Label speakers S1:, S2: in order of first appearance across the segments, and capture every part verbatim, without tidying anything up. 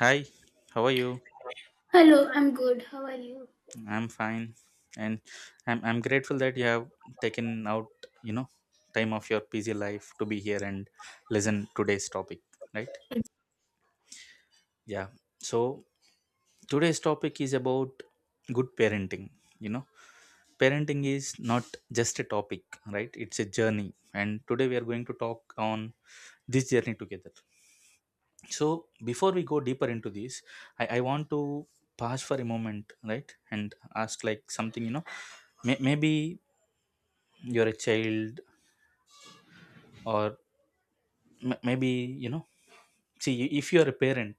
S1: Hi, how are you?
S2: Hello, I'm good. How are you?
S1: I'm fine, and I'm I'm grateful that you have taken out you know time of your busy life to be here and listen today's topic, right? Yeah. So today's topic is about good parenting. You know, parenting is not just a topic, right? It's a journey, and today we are going to talk on this journey together. So before we go deeper into this i, I want to pause for a moment, right, and ask like something, you know, may, maybe you're a child or m- maybe, you know, see if you're a parent.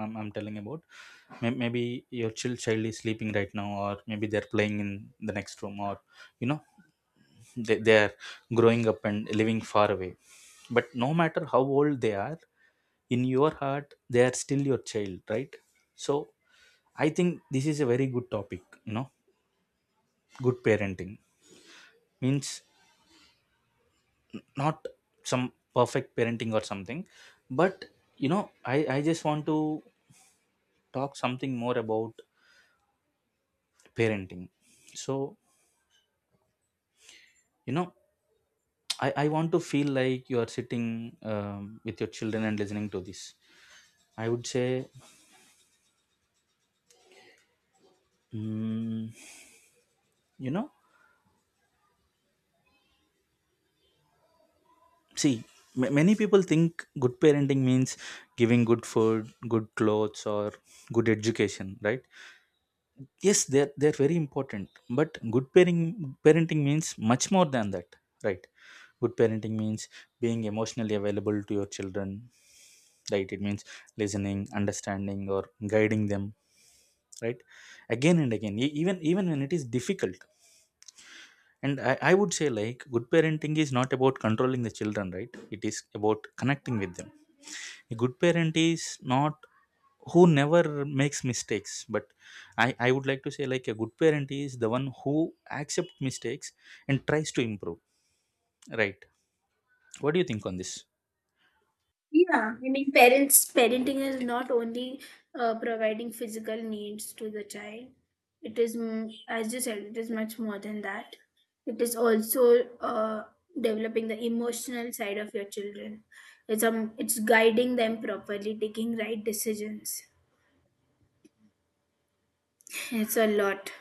S1: i'm, I'm telling about may- maybe your child child is sleeping right now, or maybe they're playing in the next room, or, you know, they, they're growing up and living far away. But no matter how old they are, in your heart they are still your child, right? So I think this is a very good topic. You know, good parenting means not some perfect parenting or something, but, you know, I, I just want to talk something more about parenting. So, you know, I, I want to feel like you are sitting um, with your children and listening to this. I would say, mm, you know, see, m- many people think good parenting means giving good food, good clothes, or good education, right? Yes, they're they're very important, but good parenting parenting means much more than that, right? Good parenting means being emotionally available to your children. Right, it means listening, understanding, or guiding them, right, again and again, e- even even when it is difficult. And I, I would say like good parenting is not about controlling the children, right, it is about connecting with them. A good parent is not who never makes mistakes, but i i would like to say like a good parent is the one who accepts mistakes and tries to improve, right? What do you think on this?
S2: Yeah. I mean, parents parenting is not only uh, providing physical needs to the child. It is, m- as you said, it is much more than that. It is also uh, developing the emotional side of your children. It's um, it's guiding them properly, taking right decisions. It's a lot.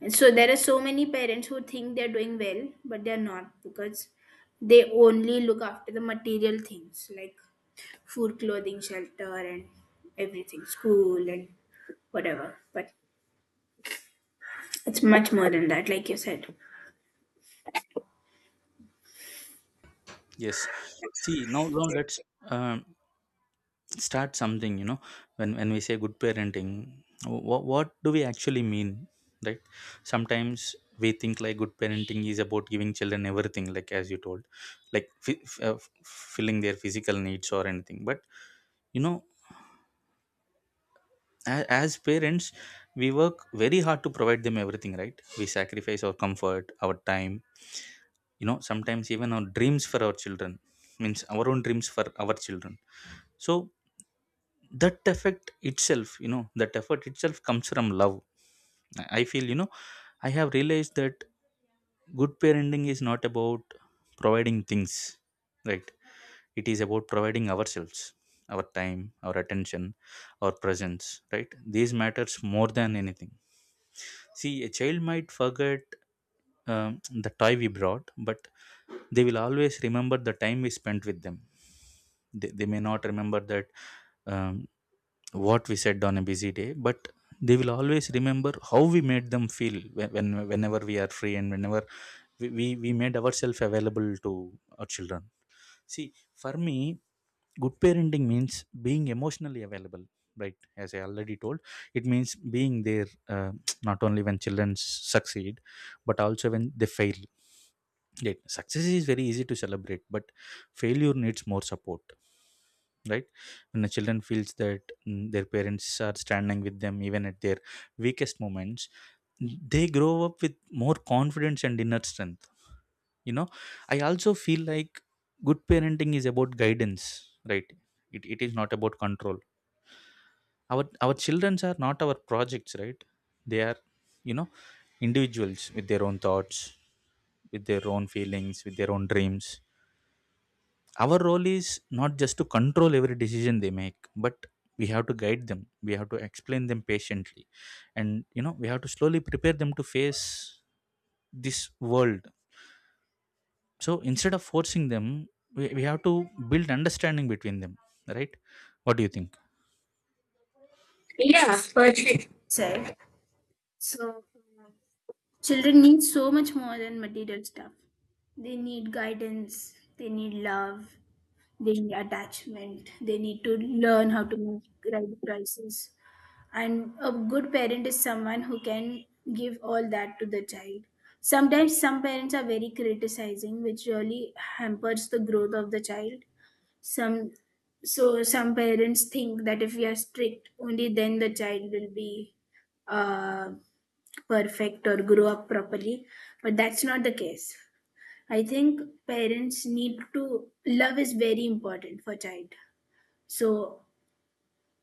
S2: And so there are so many parents who think they're doing well, but they're not because they only look after the material things like food, clothing, shelter, and everything, school, and whatever. But it's much more than that, like you said.
S1: Yes, see, now now let's um, start something, you know. When when we say good parenting, what what do we actually mean, right? Sometimes we think like good parenting is about giving children everything, like as you told, like f- f- uh, f- filling their physical needs or anything. But, you know, a- as parents, we work very hard to provide them everything, right? We sacrifice our comfort, our time, you know, sometimes even our dreams for our children, means our own dreams for our children. So that effect itself, you know, that effort itself comes from love. I I feel, you know, I have realized that good parenting is not about providing things, right? It is about providing ourselves, our time, our attention, our presence, right? These matters more than anything. See, a child might forget um, the toy we brought, but they will always remember the time we spent with them. They, they may not remember that um, what we said on a busy day, but they will always remember how we made them feel when, when whenever we are free and whenever we, we, we made ourselves available to our children. See, for me, good parenting means being emotionally available, right? As I already told, it means being there uh, not only when children succeed, but also when they fail. Right? Success is very easy to celebrate, but failure needs more support, right? When the children feels that mm, their parents are standing with them even at their weakest moments, they grow up with more confidence and inner strength. You know, I also feel like good parenting is about guidance, right? It, it is not about control. Our our children are not our projects, right? They are, you know, individuals with their own thoughts, with their own feelings, with their own dreams. Our role is not just to control every decision they make, but we have to guide them, we have to explain them patiently, and, you know, we have to slowly prepare them to face this world. So instead of forcing them, we, we have to build understanding between them, right? What do you think?
S2: Yeah, perfect. Said so, uh, children need so much more than material stuff. They need guidance. They need love. They need attachment. They need to learn how to manage crisis. And a good parent is someone who can give all that to the child. Sometimes some parents are very criticizing, which really hampers the growth of the child. Some so some parents think that if we are strict, only then the child will be uh, perfect or grow up properly. But that's not the case. I think parents need to love is very important for child. So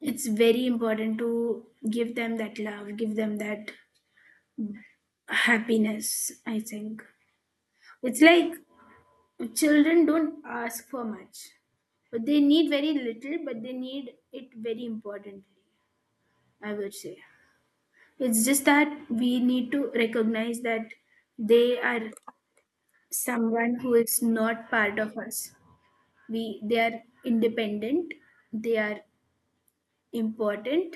S2: it's very important to give them that love, give them that happiness. I think it's like children don't ask for much, but they need very little, but they need it very importantly, I would say. It's just that we need to recognize that they are someone who is not part of us. We they are independent, they are important.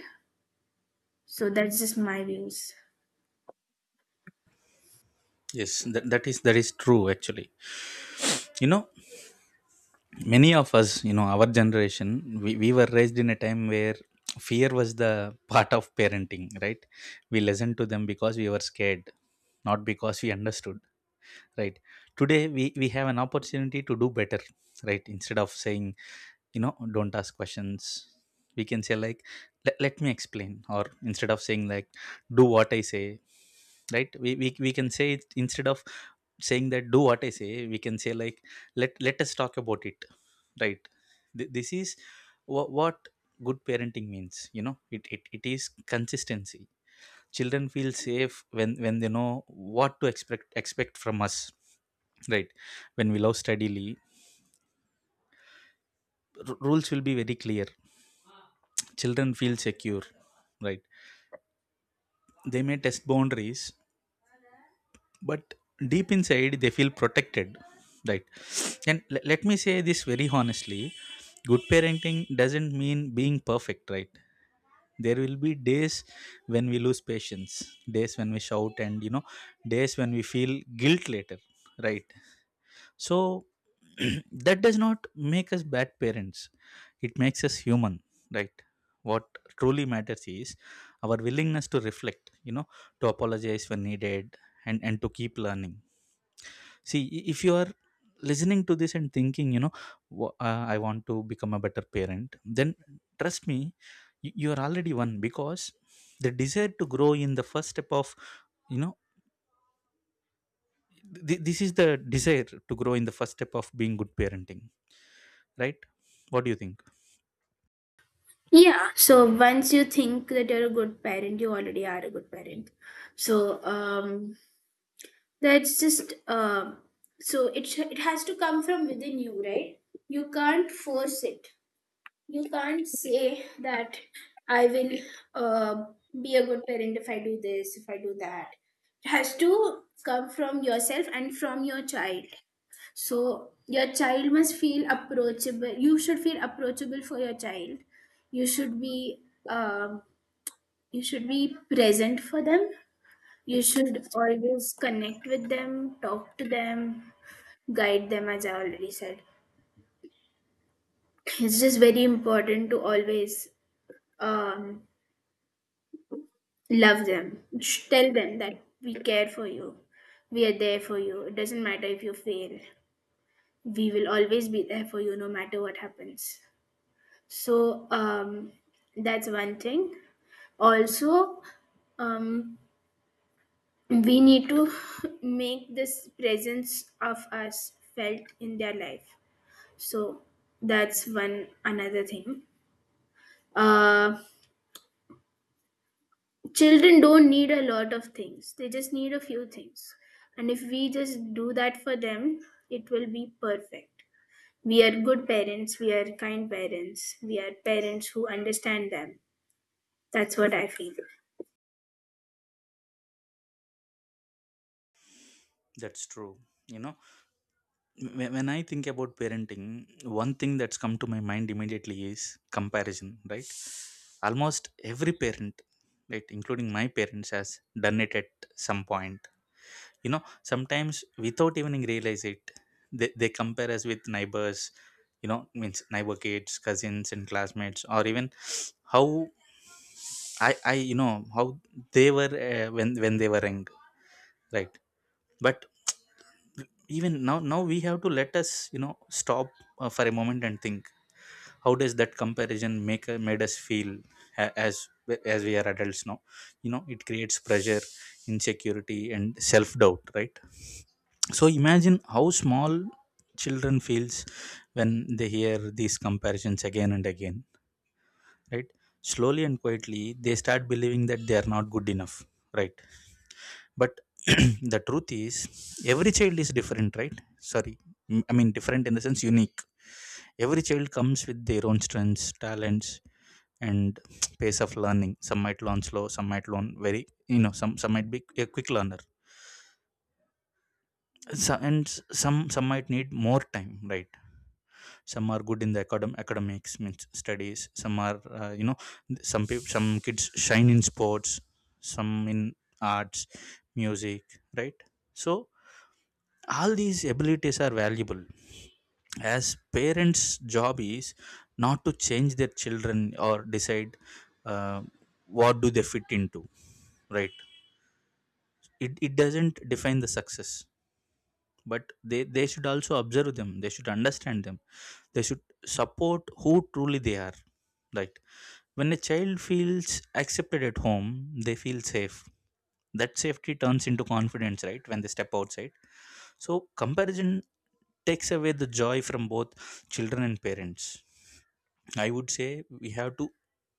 S2: So that's just my views.
S1: Yes, that, that is that is true actually. You know, many of us, you know, our generation, we, we were raised in a time where fear was the part of parenting, right? We listened to them because we were scared, not because we understood, right? Today we, we have an opportunity to do better, right? Instead of saying, you know, don't ask questions, we can say like let, let me explain. Or instead of saying like do what I say, right, we, we we can say it. Instead of saying that do what I say, we can say like let let us talk about it, right? Th- this is what, what good parenting means. You know, it, it it is consistency. Children feel safe when when they know what to expect expect from us, right? When we love steadily, r- rules will be very clear. Children feel secure, right? They may test boundaries, but deep inside they feel protected, right? And l- let me say this very honestly, good parenting doesn't mean being perfect, right? There will be days when we lose patience, days when we shout, and, you know, days when we feel guilt later, right? So that does not make us bad parents, it makes us human, right? What truly matters is our willingness to reflect, you know, to apologize when needed, and and to keep learning. See, i- if you are listening to this and thinking, you know, "Wha- uh, I want to become a better parent," then trust me, you, you are already one, because the desire to grow in the first step of, you know, th- this is the desire to grow in the first step of being good parenting, right? What do you think?
S2: Yeah, so once you think that you're a good parent, you already are a good parent. So um, that's just uh, so it sh- it has to come from within you, right? You can't force it. You can't say that I will uh, be a good parent if I do this, if I do that. It has to come from yourself and from your child. So your child must feel approachable. You should feel approachable for your child. You should be um, you should be present for them. You should always connect with them, talk to them, guide them. As I already said, it's just very important to always um, love them. Sh- Tell them that we care for you. We are there for you. It doesn't matter if you fail. We will always be there for you, no matter what happens. So um, that's one thing. Also, um, we need to make this presence of us felt in their life. So that's one another thing. Uh, children don't need a lot of things, they just need a few things. And if we just do that for them, it will be perfect. We are good parents, we are kind parents, we are parents who understand them. That's what I feel.
S1: That's true. You know, wh- when I think about parenting, one thing that's come to my mind immediately is comparison, right? Almost every parent, right, including my parents, has done it at some point. You know, sometimes without even realize it, they, they compare us with neighbors, you know, means neighbor kids, cousins, and classmates, or even how I, I you know, how they were uh, when, when they were young, right? But even now now we have to let us, you know, stop uh, for a moment and think how does that comparison make uh, made us feel, a- as as we are adults now. You know, it creates pressure, insecurity, and self doubt, right? So imagine how small children feels when they hear these comparisons again and again, right? Slowly and quietly they start believing that they are not good enough, right? But the truth is every child is different, right? Sorry. Mm, I mean different in the sense unique. Every child comes with their own strengths, talents, and pace of learning. Some might learn slow, some might learn very, you know, some some might be a quick learner. So, and s- some some might need more time, right? Some are good in the academ- academics, means studies. Some are, uh, you know, some people some kids shine in sports, some in arts, music, right? So all these abilities are valuable. As parents, job is not to change their children or decide uh, what do they fit into, right? It, it doesn't define the success, but they, they should also observe them, they should understand them, they should support who truly they are, right? When a child feels accepted at home, they feel safe. That safety turns into confidence, right, when they step outside. So comparison takes away the joy from both children and parents. I would say we have to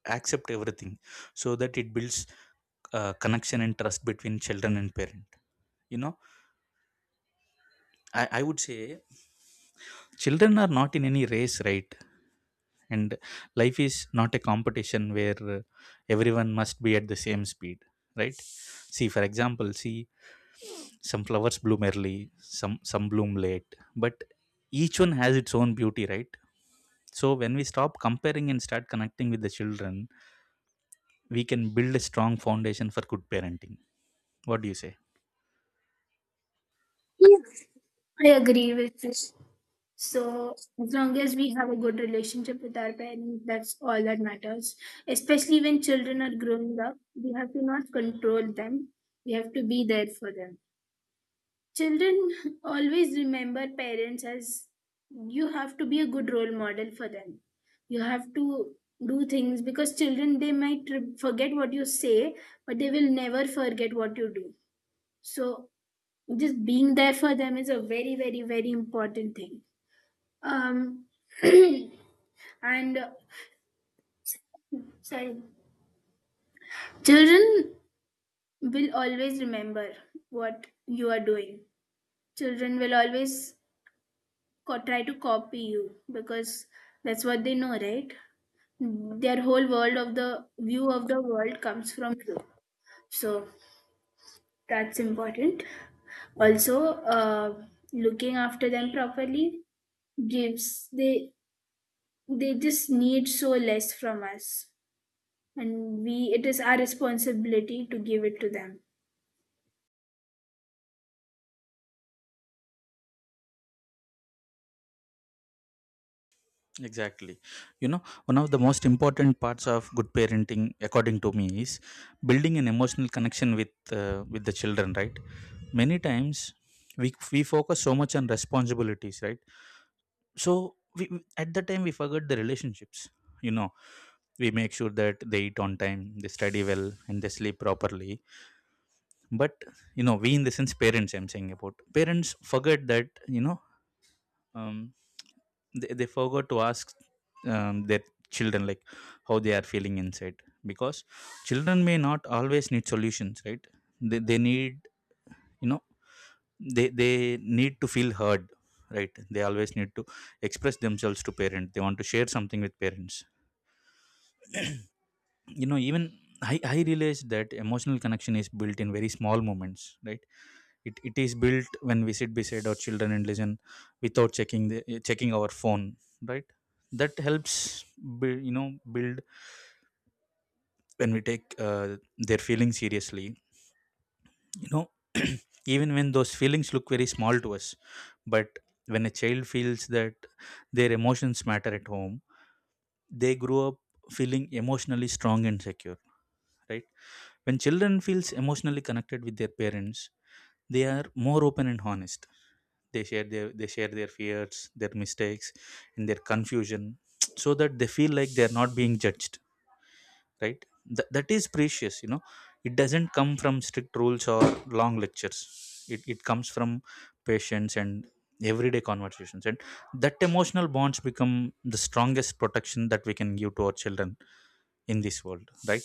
S1: accept everything so that it builds uh, connection and trust between children and parent. You know, I, I would say children are not in any race, right? And life is not a competition where uh, everyone must be at the same speed, right? See, for example, see, some flowers bloom early, some some bloom late, but each one has its own beauty, right? So when we stop comparing and start connecting with the children, we can build a strong foundation for good parenting. What do you say?
S2: Yes. I agree with you. So, as long as we have a good relationship with our parents, that's all that matters. Especially when children are growing up, we have to not control them, we have to be there for them. Children always remember parents as you have to be a good role model for them. You have to do things because children they might re- forget what you say, but they will never forget what you do. So, just being there for them is a very, very, very important thing. Um, And uh, sorry, children will always remember what you are doing. Children will always co- try to copy you because that's what they know, right? Their whole world of the view of the world comes from you. So that's important. Also, uh, looking after them properly gives they they just need so less from us, and we it is our responsibility to give it to them.
S1: Exactly. You know, one of the most important parts of good parenting according to me is building an emotional connection with uh, with the children, right? Many times we we focus so much on responsibilities, right? So we we- at that time we forget the relationships. You know we make sure that they eat on time, they study well and they sleep properly. But, you know, we, in the sense parents, I'm saying about parents, forget that. you know um, they, they forgot to ask um, their children, like, how they are feeling inside. Because children may not always need solutions, right? They, they need, you know, they they need to feel heard. Right, they always need to express themselves to parent, they want to share something with parents, you know. Even i i realized that emotional connection is built in very small moments, right? It, it is built when we sit beside our children and listen without checking the checking our phone, right? That helps build, you know, build when we take uh, their feelings seriously, you know, even when those feelings look very small to us. But when a child feels that their emotions matter at home, they grow up feeling emotionally strong and secure, right? When children feels emotionally connected with their parents, they are more open and honest. They share their, they share their fears, their mistakes and their confusion. So that they feel like they're not being judged, right? Th- that is precious, you know. It doesn't come from strict rules or long lectures. It, it comes from patience and everyday conversations, and that emotional bonds become the strongest protection that we can give to our children in this world, right?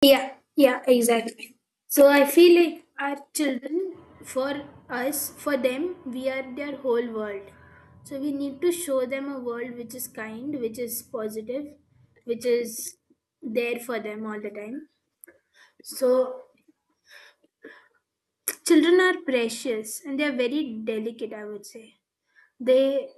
S2: Yeah, yeah, exactly. So I feel like our children, for us, for them, we are their whole world. So we need to show them a world which is kind, which is positive, which is there for them all the time. So children are precious and they are very delicate, I would say. They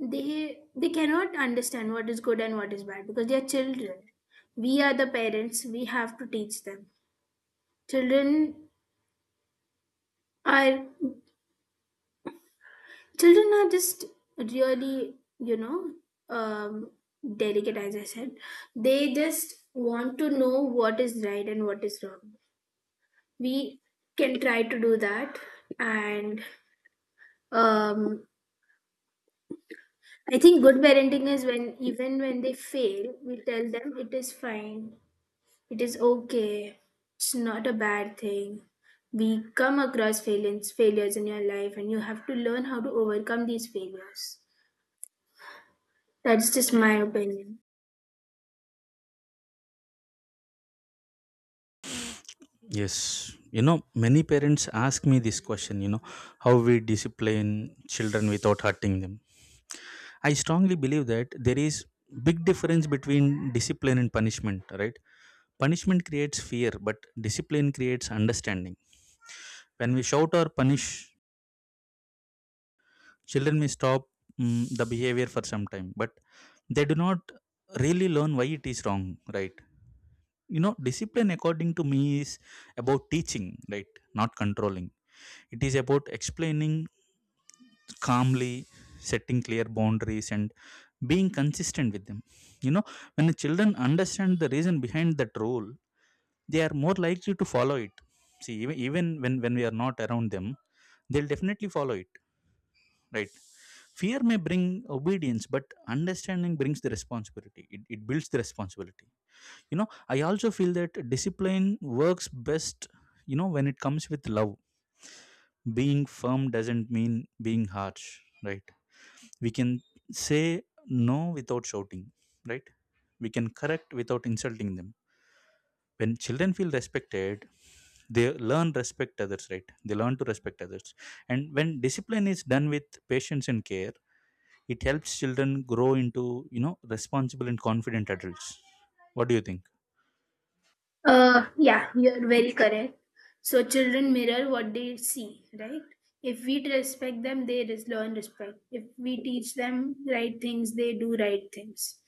S2: they they cannot understand what is good and what is bad because they are children. We are the parents, we have to teach them. Children are children are just really you know um delicate, as I said. They just want to know what is right and what is wrong. We can try to do that. And um I think good parenting is when, even when they fail, we tell them it is fine, it is okay, it's not a bad thing. We come across failures failures in your life and you have to learn how to overcome these failures. That's just my opinion.
S1: Yes, you know, many parents ask me this question, you know, how we discipline children without hurting them. I strongly believe that there is big difference between discipline and punishment, right? Punishment creates fear, but discipline creates understanding. When we shout or punish, children may stop mm, the behavior for some time, but they do not really learn why it is wrong, right? You know, discipline, according to me, is about teaching, right? Not controlling. It is about explaining calmly, setting clear boundaries and being consistent with them. You know, when the children understand the reason behind that rule, they are more likely to follow it. See, even, even when when we are not around them, they'll definitely follow it, right? Fear may bring obedience, but understanding brings the responsibility. It, it builds the responsibility, you know. I also feel that discipline works best, you know, when it comes with love. Being firm doesn't mean being harsh, right? We can say no without shouting, right? We can correct without insulting them. When children feel respected, they learn respect others, right? They learn to respect others. And when discipline is done with patience and care, it helps children grow into, you know, responsible and confident adults. What do you think?
S2: Uh, yeah, you're very correct. So children mirror what they see, right? If we respect them, they res- learn respect. If we teach them right things, they do right things.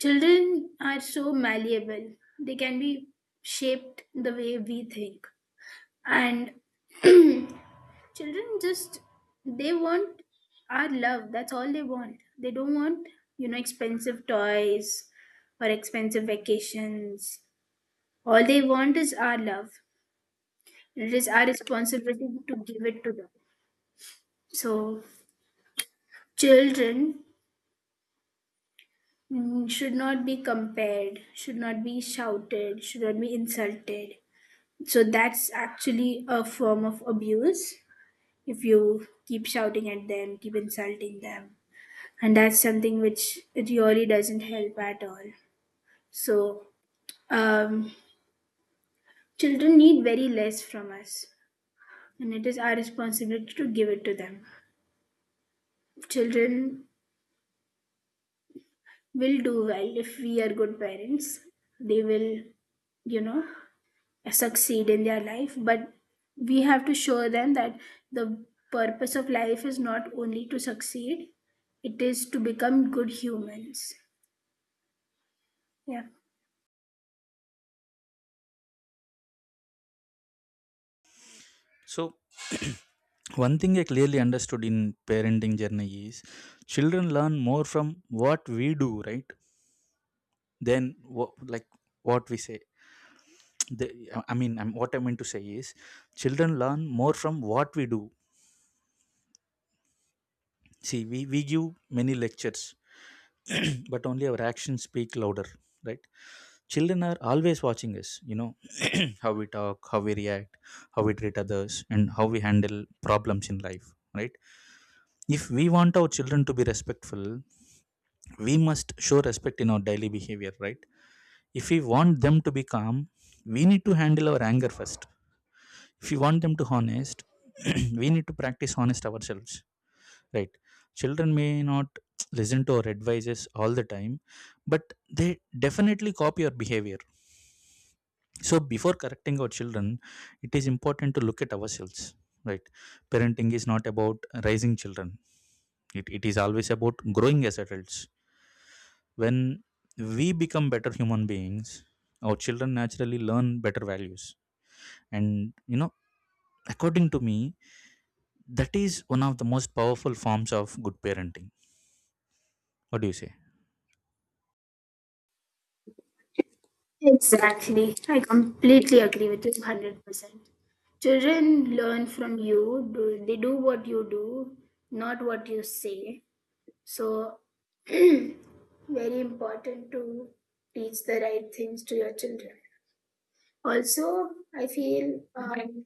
S2: Children are so malleable. They can be shaped the way we think. And children just, they want our love. That's all they want. They don't want, you know, expensive toys or expensive vacations. All they want is our love. And it is our responsibility to give it to them. So, children mm, should not be compared, should not be shouted, should not be insulted. So, that's actually a form of abuse if you keep shouting at them, keep insulting them. And that's something which it really doesn't help at all. So, um, children need very less from us, and it is our responsibility to give it to them. Children will do well if we are good parents. They will, you know, succeed in their life. But we have to show them that the purpose of life is not only to succeed, it is to become good humans. Yeah.
S1: So one thing I clearly understood in parenting journey is children learn more from what we do, right? Than what like what we say the I mean I'm, what I meant to say is children learn more from what we do. See, we, we give many lectures, but only our actions speak louder, right? Children are always watching us, you know. How we talk, how we react, how we treat others and how we handle problems in life, right? If we want our children to be respectful, we must show respect in our daily behavior, right? If we want them to be calm, we need to handle our anger first. If you want them to honest, we need to practice honest ourselves, right? Children may not listen to our advices all the time, but they definitely copy our behavior. So before correcting our children, it is important to look at ourselves, right? Parenting is not about raising children, it, it is always about growing as adults. When we become better human beings, our children naturally learn better values. And, you know, according to me, that is one of the most powerful forms of good parenting. What do you say?
S2: Exactly. I completely agree with you one hundred percent. Children learn from you, do, they do what you do, not what you say. So, very important to teach the right things to your children. Also, I feel um,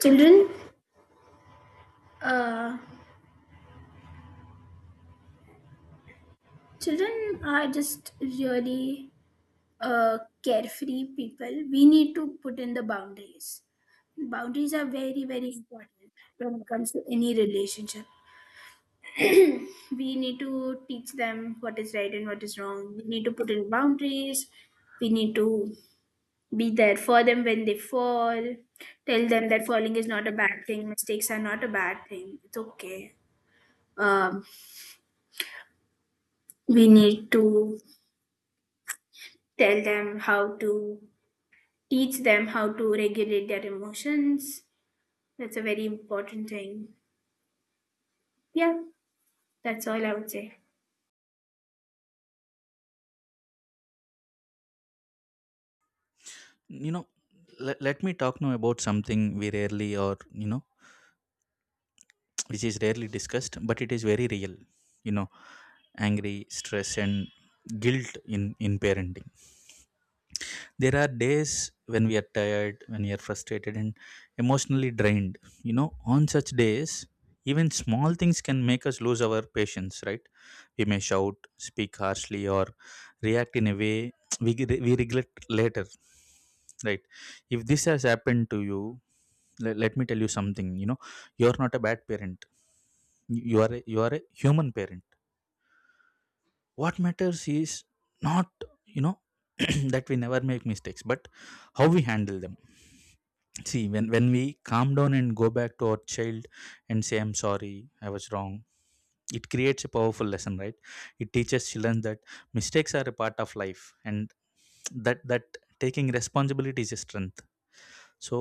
S2: children uh, children are just really uh, carefree people. We need to put in the boundaries. Boundaries are very very important when it comes to any relationship. We need to teach them what is right and what is wrong. We need to put in boundaries. We need to be there for them when they fall. Tell them that falling is not a bad thing. Mistakes are not a bad thing. It's okay. Um, we need to tell them how to teach them how to regulate their emotions. That's a very important thing. Yeah, that's all I would say.
S1: You know, let, let me talk now about something we rarely, or, you know, which is rarely discussed but it is very real, you know, angry stress and guilt in in parenting. There are days when we are tired, when we are frustrated and emotionally drained, you know. On such days, even small things can make us lose our patience, right? We may shout, speak harshly or react in a way we, we regret later, right? If this has happened to you, let, let me tell you something, you know, you're not a bad parent. You you are a, you are a human parent. What matters is not, you know, that we never make mistakes, but how we handle them. See, when when we calm down and go back to our child and say I'm sorry, I was wrong, it creates a powerful lesson, right? It teaches children that mistakes are a part of life, and that that taking responsibility is a strength. So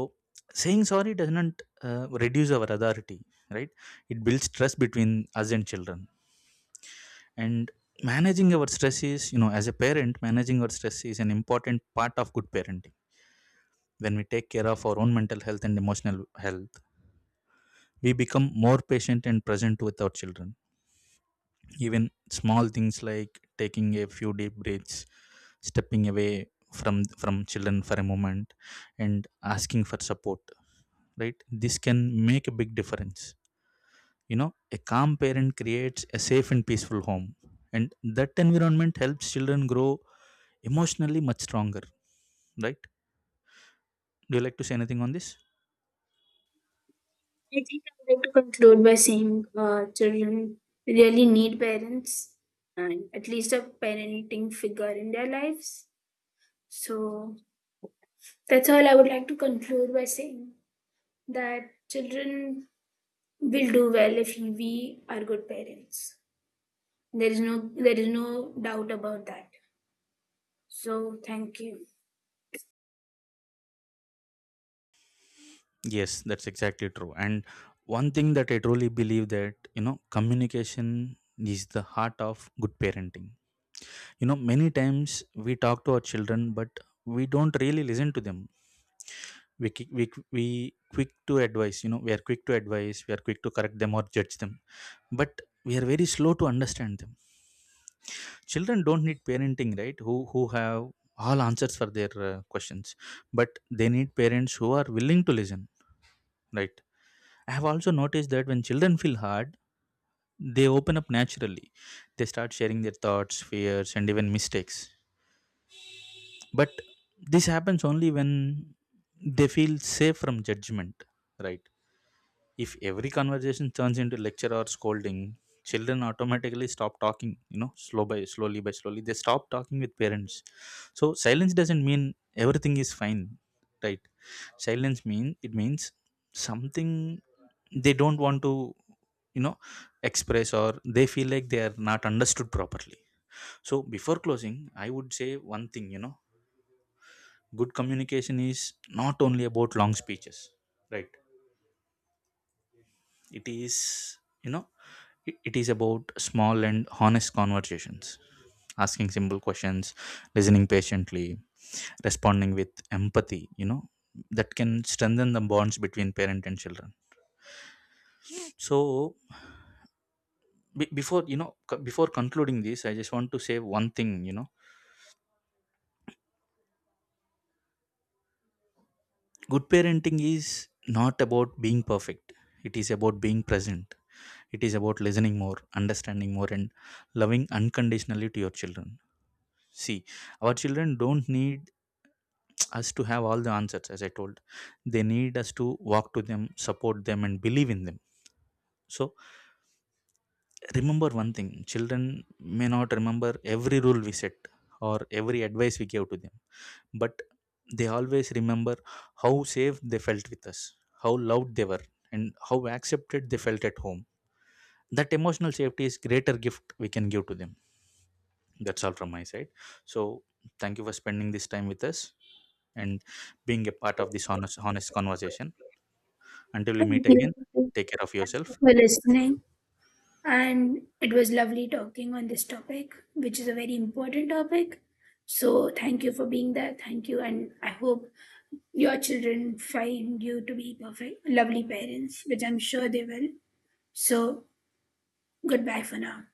S1: saying sorry doesn't uh, reduce our authority, right? It builds trust between us and children. And managing our stress is, you know, as a parent, managing our stress is an important part of good parenting. When we take care of our own mental health and emotional health, we become more patient and present with our children. Even small things like taking a few deep breaths, stepping away from from children for a moment, and asking for support, right, this can make a big difference. You know, a calm parent creates a safe and peaceful home, and that environment helps children grow emotionally much stronger, right? Do you like to say anything on this?
S2: I think I would like to conclude by saying uh, children really need parents, and at least a parenting figure in their lives. So that's all I would like to conclude by saying, that children will do well if we are good parents. there is no there is no doubt about that. So thank you.
S1: Yes, that's exactly true. And one thing that I truly believe that, you know, communication is the heart of good parenting. You know, many times we talk to our children, but we don't really listen to them. We qui- we, we quick to advise. You know, we are quick to advise, we are quick to correct them or judge them, but we are very slow to understand them. Children don't need parenting, right, who who have all answers for their uh, questions, but they need parents who are willing to listen, right? I have also noticed that when children feel hard, they open up naturally. They start sharing their thoughts, fears and even mistakes. But this happens only when they feel safe from judgment, right? If every conversation turns into lecture or scolding, children automatically stop talking, you know, slow by slowly by slowly. They stop talking with parents. So silence doesn't mean everything is fine, right? Silence mean it means something. They don't want to, you know, express, or they feel like they are not understood properly. So before closing, I would say one thing, you know, good communication is not only about long speeches, right? It is, you know, It it is about small and honest conversations, asking simple questions, listening patiently, responding with empathy, you know, that can strengthen the bonds between parent and children. So, be- before, you know, c- before concluding this, I just want to say one thing, you know, good parenting is not about being perfect, it is about being present. It is about listening more, understanding more, and loving unconditionally to your children. See, our children don't need us to have all the answers. As I told, they need us to walk to them, support them and believe in them. So remember one thing: children may not remember every rule we set or every advice we gave to them, but they always remember how safe they felt with us, how loved they were, and how accepted they felt at home. That emotional safety is greater gift we can give to them. That's all from my side. So thank you for spending this time with us and being a part of this honest honest conversation. Until we
S2: Thank
S1: meet
S2: you
S1: again, take care of yourself.
S2: for listening. And it was lovely talking on this topic, which is a very important topic. So thank you for being there. Thank you. And I hope your children find you to be perfect, lovely parents, which I'm sure they will. So goodbye for now.